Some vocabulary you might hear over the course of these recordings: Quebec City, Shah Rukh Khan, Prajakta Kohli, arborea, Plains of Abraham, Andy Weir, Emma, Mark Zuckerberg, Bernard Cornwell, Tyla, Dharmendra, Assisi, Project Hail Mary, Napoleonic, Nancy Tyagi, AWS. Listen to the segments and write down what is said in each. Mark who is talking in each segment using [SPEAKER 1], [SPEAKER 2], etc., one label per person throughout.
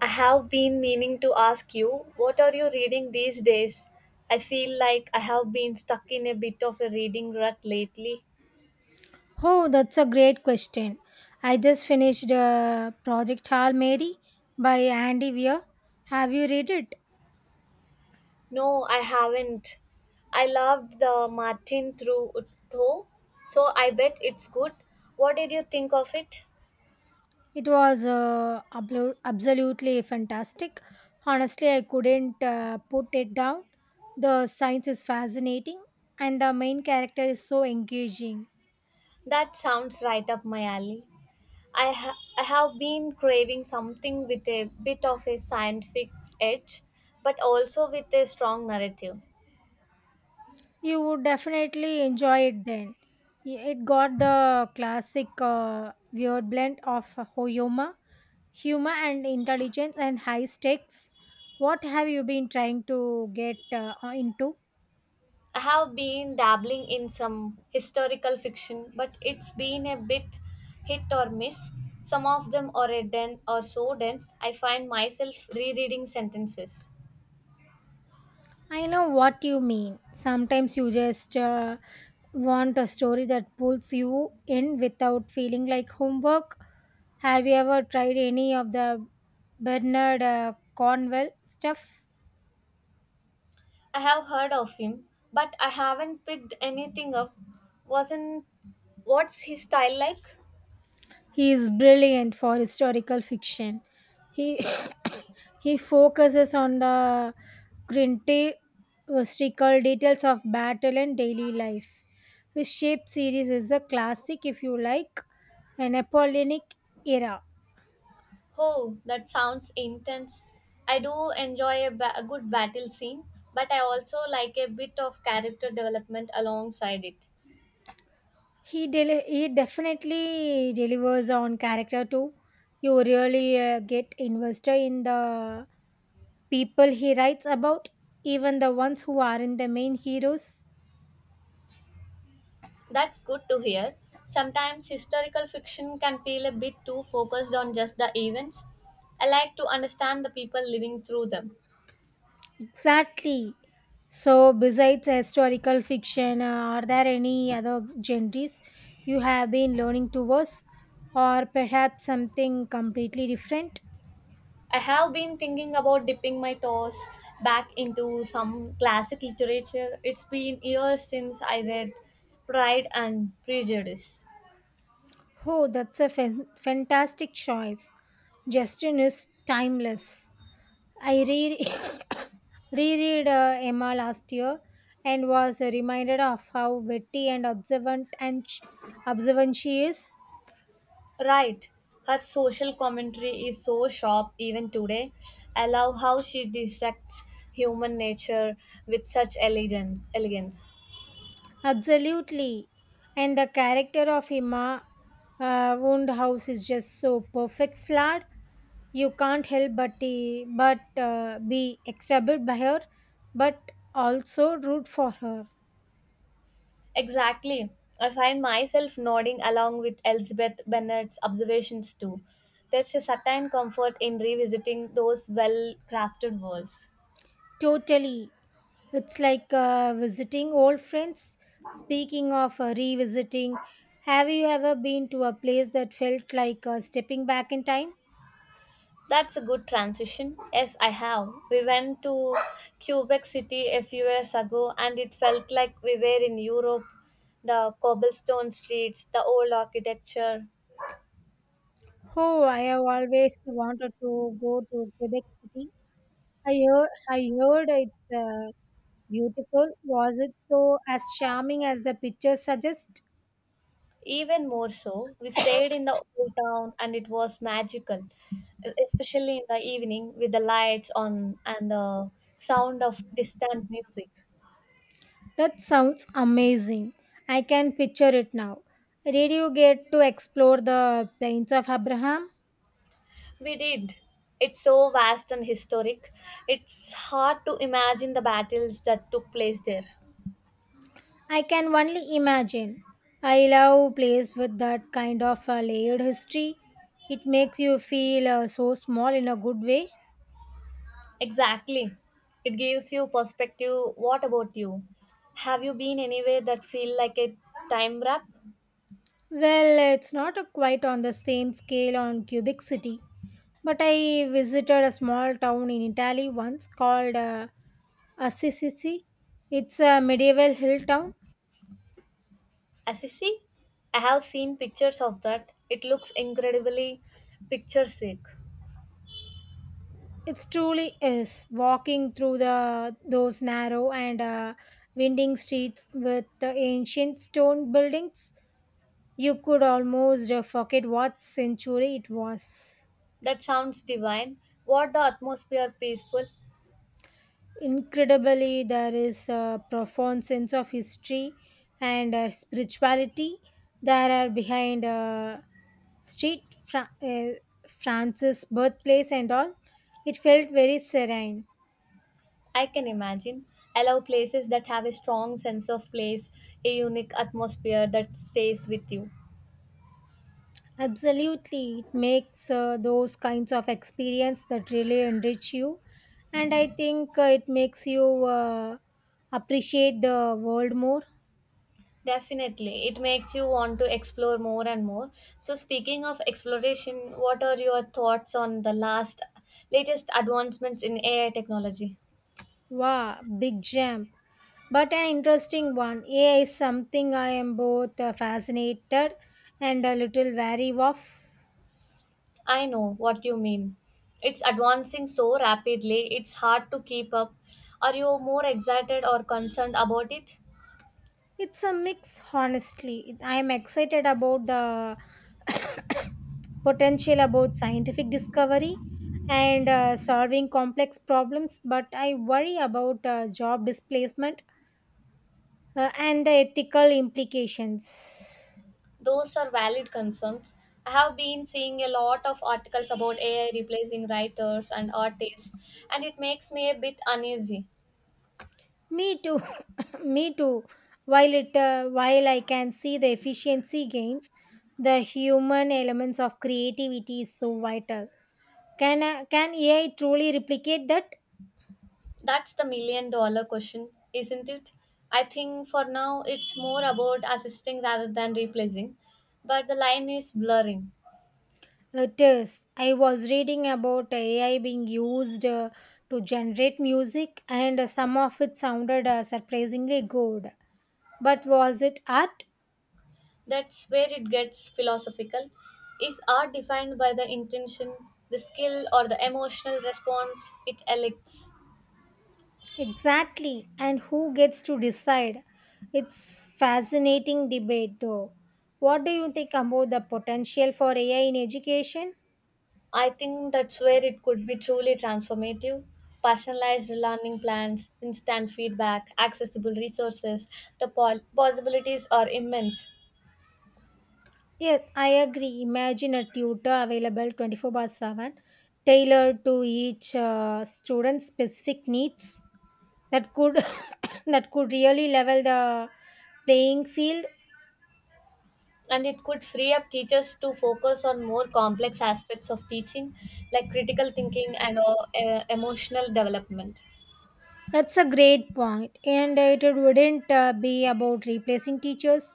[SPEAKER 1] I have been meaning to ask you, what are you reading these days? I feel like I have been stuck in a bit of a reading rut lately.
[SPEAKER 2] Oh, that's a great question. I just finished Project Hail Mary by Andy Weir. Have you read it?
[SPEAKER 1] No, I haven't. I loved the Martin Trutho, so I bet it's good. What did you think of it?
[SPEAKER 2] It was absolutely fantastic. Honestly, I couldn't put it down. The science is fascinating and the main character is so engaging.
[SPEAKER 1] That sounds right up my alley. I have been craving something with a bit of a scientific edge, but also with a strong narrative.
[SPEAKER 2] You would definitely enjoy it then. It got the classic weird blend of humor humor and intelligence and high stakes. What have you been trying to get into?
[SPEAKER 1] I have been dabbling in some historical fiction, but it's been a bit hit or miss. Some of them are a den or so dense, I find myself rereading sentences.
[SPEAKER 2] I know what you mean. Sometimes you just want a story that pulls you in without feeling like homework. Have you ever tried any of the bernard cornwell stuff?
[SPEAKER 1] I have heard of him, but I haven't picked anything up. Wasn't what's his style like?
[SPEAKER 2] He is brilliant for historical fiction. He He focuses on the grintestical details of battle and daily life. His Shape series is a classic, if you like, an Napoleonic era.
[SPEAKER 1] Oh, that sounds intense. I do enjoy a good battle scene, but I also like a bit of character development alongside it.
[SPEAKER 2] He definitely delivers on character too. You really get invested in the people he writes about, even the ones who aren't the main heroes.
[SPEAKER 1] That's good to hear. Sometimes historical fiction can feel a bit too focused on just the events. I like to understand the people living through them.
[SPEAKER 2] Exactly. So, besides historical fiction, are there any other genres you have been learning towards, or perhaps something completely different?
[SPEAKER 1] I have been thinking about dipping my toes back into some classic literature. It's been years since I read Pride and Prejudice.
[SPEAKER 2] Oh, that's a fantastic choice. Justin is timeless. I re- reread Emma last year and was reminded of how witty and observant and observant she is.
[SPEAKER 1] Right. Her social commentary is so sharp even today. I love how she dissects human nature with such elegant elegance.
[SPEAKER 2] Absolutely. And the character of Hima Woundhouse is just so perfect flawed. You can't help but be excited by her, but also root for her.
[SPEAKER 1] Exactly. I find myself nodding along with Elizabeth Bennet's observations too. There's a certain comfort in revisiting those well crafted worlds.
[SPEAKER 2] Totally. It's like visiting old friends. Speaking of revisiting, have you ever been to a place that felt like stepping back in time?
[SPEAKER 1] That's a good transition. Yes, I have. We went to Quebec City a few years ago and it felt like we were in Europe. The cobblestone streets, the old architecture.
[SPEAKER 2] Oh, I have always wanted to go to Quebec City. I heard it's beautiful. Was it so as charming as the picture suggests?
[SPEAKER 1] Even more so, we stayed in the old town and it was magical, especially in the evening with the lights on and the sound of distant music.
[SPEAKER 2] That sounds amazing. I can picture it now. Did you get to explore the plains of Abraham?
[SPEAKER 1] We did. It's so vast and historic. It's hard to imagine the battles that took place there.
[SPEAKER 2] I can only imagine. I love places with that kind of layered history. It makes you feel so small in a good way.
[SPEAKER 1] Exactly. It gives you perspective. What about you? Have you been anywhere that feel like a time wrap?
[SPEAKER 2] Well, it's not a quite on the same scale on Cubic City, but I visited a small town in Italy once called Assisi. It's a medieval hill town.
[SPEAKER 1] Assisi? I have seen pictures of that. It looks incredibly picturesque.
[SPEAKER 2] It truly is walking through the those narrow and winding streets with the ancient stone buildings. You could almost forget what century it was.
[SPEAKER 1] That sounds divine. What the atmosphere peaceful.
[SPEAKER 2] Incredibly, there is a profound sense of history and spirituality that are behind Street Fra- uh, France's birthplace and all. It felt very serene.
[SPEAKER 1] I can imagine. I love places that have a strong sense of place, a unique atmosphere that stays with you.
[SPEAKER 2] Absolutely, it makes those kinds of experience that really enrich you, and I think it makes you appreciate the world more.
[SPEAKER 1] Definitely. It makes you want to explore more and more. So speaking of exploration, what are your thoughts on the last latest advancements in AI technology?
[SPEAKER 2] Wow, big jump. But an interesting one. AI is something I am both fascinated and a little wary of.
[SPEAKER 1] I know what you mean. It's advancing so rapidly, it's hard to keep up. Are you more excited or concerned about it?
[SPEAKER 2] It's a mix, honestly. I am excited about the potential about scientific discovery and solving complex problems, but I worry about job displacement and the ethical implications.
[SPEAKER 1] Those are valid concerns. I have been seeing a lot of articles about AI replacing writers and artists, and it makes me a bit uneasy.
[SPEAKER 2] Me too. Me too. While I can see the efficiency gains, the human elements of creativity is so vital. Can AI truly replicate that?
[SPEAKER 1] That's the million dollar question, isn't it? I think for now it's more about assisting rather than replacing, but the line is blurring.
[SPEAKER 2] It is. I was reading about AI being used to generate music, and some of it sounded surprisingly good. But was it art?
[SPEAKER 1] That's where it gets philosophical. Is art defined by the intention, the skill, or the emotional response it elicits?
[SPEAKER 2] Exactly. And who gets to decide? It's fascinating debate though. What do you think about the potential for AI in education?
[SPEAKER 1] I think that's where it could be truly transformative. Personalized learning plans, instant feedback, accessible resources, the possibilities are immense.
[SPEAKER 2] Yes, I agree. Imagine a tutor available 24 by 7, tailored to each student's specific needs. That could that could really level the playing field.
[SPEAKER 1] And it could free up teachers to focus on more complex aspects of teaching, like critical thinking and emotional development.
[SPEAKER 2] That's a great point, and it wouldn't be about replacing teachers,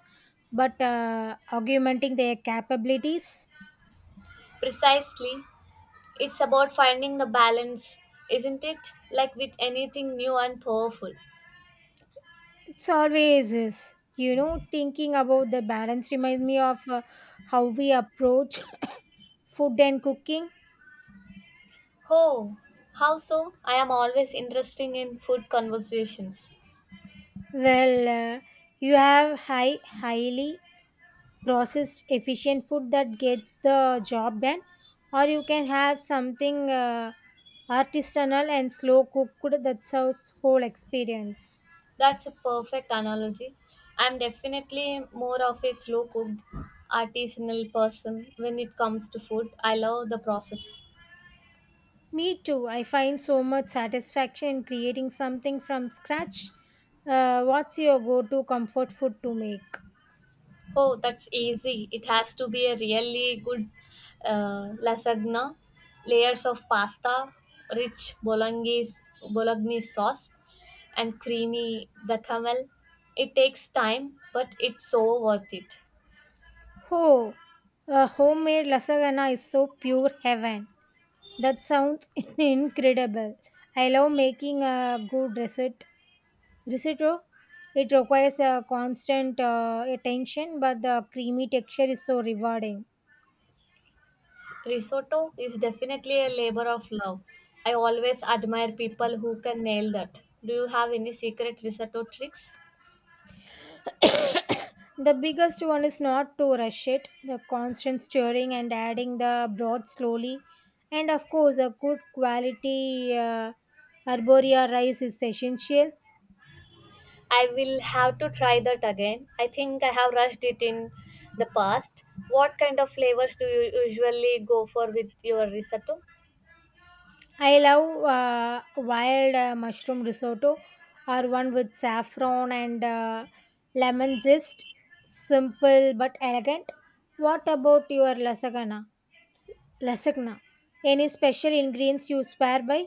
[SPEAKER 2] but augmenting their capabilities.
[SPEAKER 1] Precisely, it's about finding the balance, isn't it? Like with anything new and powerful.
[SPEAKER 2] It's always is. You know, thinking about the balance reminds me of how we approach food and cooking.
[SPEAKER 1] Oh, how so? I am always interested in food conversations.
[SPEAKER 2] Well, uh, you have highly processed, efficient food that gets the job done, or you can have something artisanal and slow cooked. That's our whole experience.
[SPEAKER 1] That's a perfect analogy. I'm definitely more of a slow cooked, artisanal person when it comes to food. I love the process.
[SPEAKER 2] Me too. I find so much satisfaction in creating something from scratch. What's your go to comfort food to make?
[SPEAKER 1] Oh, that's easy. It has to be a really good lasagna, layers of pasta, rich bolognese sauce, and creamy bechamel. It takes time, but it's so worth it.
[SPEAKER 2] Oh, a homemade lasagna is so pure heaven. That sounds incredible. I love making a good risotto. It requires a constant attention, but the creamy texture is so rewarding.
[SPEAKER 1] Risotto is definitely a labor of love. I always admire people who can nail that. Do you have any secret risotto tricks?
[SPEAKER 2] The biggest one is not to rush it, the constant stirring and adding the broth slowly. And of course, a good quality arborea rice is essential.
[SPEAKER 1] I will have to try that again. I think I have rushed it in the past. What kind of flavors do you usually go for with your risotto?
[SPEAKER 2] I love wild mushroom risotto or one with saffron and lemon zest. Simple but elegant. What about your lasagna? Any special ingredients you swear by?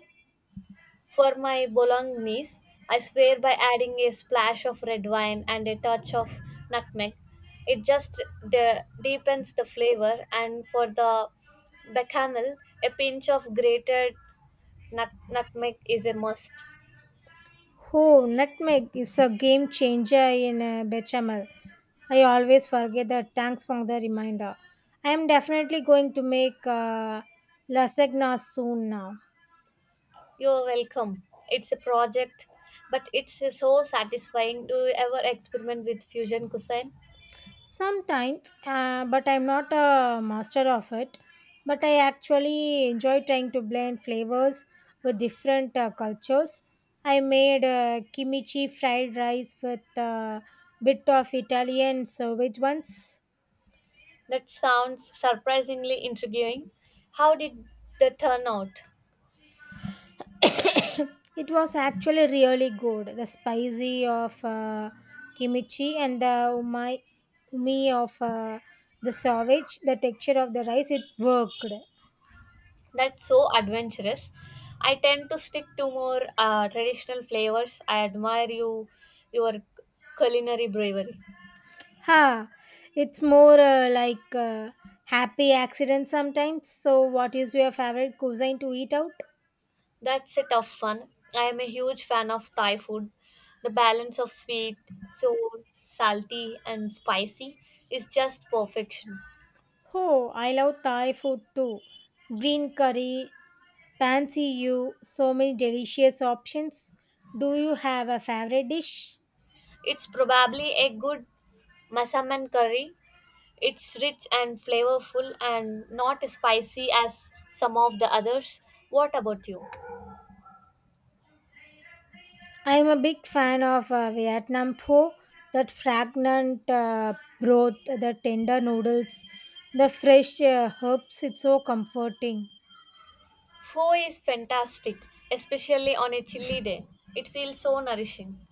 [SPEAKER 1] For my bolognese, I swear by adding a splash of red wine and a touch of nutmeg, it just deepens the flavor. And for the bechamel, a pinch of grated nutmeg is a must.
[SPEAKER 2] Oh, nutmeg is a game changer in bechamel. I always forget that. Thanks for the reminder. I am definitely going to make lasagna soon now.
[SPEAKER 1] You're welcome. It's a project, but it's so satisfying. Do you ever experiment with fusion cuisine?
[SPEAKER 2] Sometimes, but I'm not a master of it. But I actually enjoy trying to blend flavors with different cultures. I made kimchi fried rice with a bit of Italian sausage once.
[SPEAKER 1] That sounds surprisingly intriguing. How did that turn out?
[SPEAKER 2] It was actually really good. The spicy of kimchi and the umi of the sausage, the texture of the rice, it worked.
[SPEAKER 1] That's so adventurous. I tend to stick to more traditional flavors. I admire you, your culinary bravery.
[SPEAKER 2] Ha! It's more like happy accident sometimes. So, what is your favorite cuisine to eat out?
[SPEAKER 1] That's a tough one. I am a huge fan of Thai food. The balance of sweet, sour, salty, and spicy is just perfection.
[SPEAKER 2] Oh, I love Thai food too. Green curry, fancy you, so many delicious options. Do you have a favorite dish?
[SPEAKER 1] It's probably a good masaman curry. It's rich and flavorful and not as spicy as some of the others. What about you?
[SPEAKER 2] I am a big fan of Vietnam pho, that fragrant broth, the tender noodles, the fresh herbs. It's so comforting.
[SPEAKER 1] Pho is fantastic, especially on a chilly day. It feels so nourishing.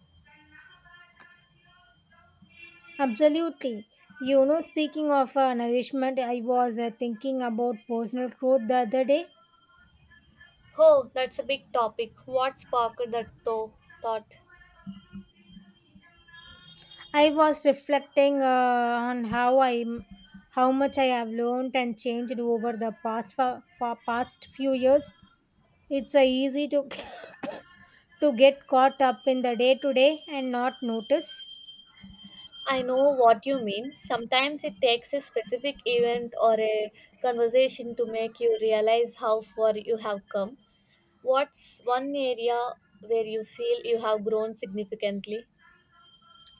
[SPEAKER 2] Absolutely. You know, speaking of nourishment, I was thinking about personal growth the other day.
[SPEAKER 1] Oh, that's a big topic. What sparked that thought?
[SPEAKER 2] I was reflecting on how much I have learned and changed over the past few years. It's easy to to get caught up in the day to day and not notice.
[SPEAKER 1] I know what you mean. Sometimes it takes a specific event or a conversation to make you realize how far you have come. What's one area where you feel you have grown significantly?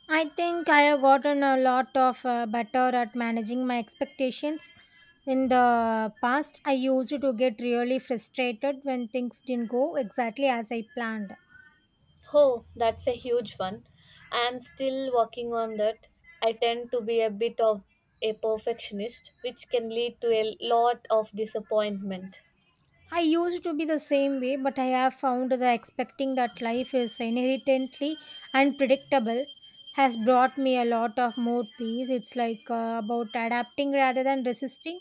[SPEAKER 2] I think I have gotten a lot of better at managing my expectations. In the past, I used to get really frustrated when things didn't go exactly as I planned.
[SPEAKER 1] Oh, that's a huge one. I am still working on that. I tend to be a bit of a perfectionist, which can lead to a lot of disappointment.
[SPEAKER 2] I used to be the same way, but I have found that expecting that life is inherently unpredictable has brought me a lot of more peace. It's like about adapting rather than resisting.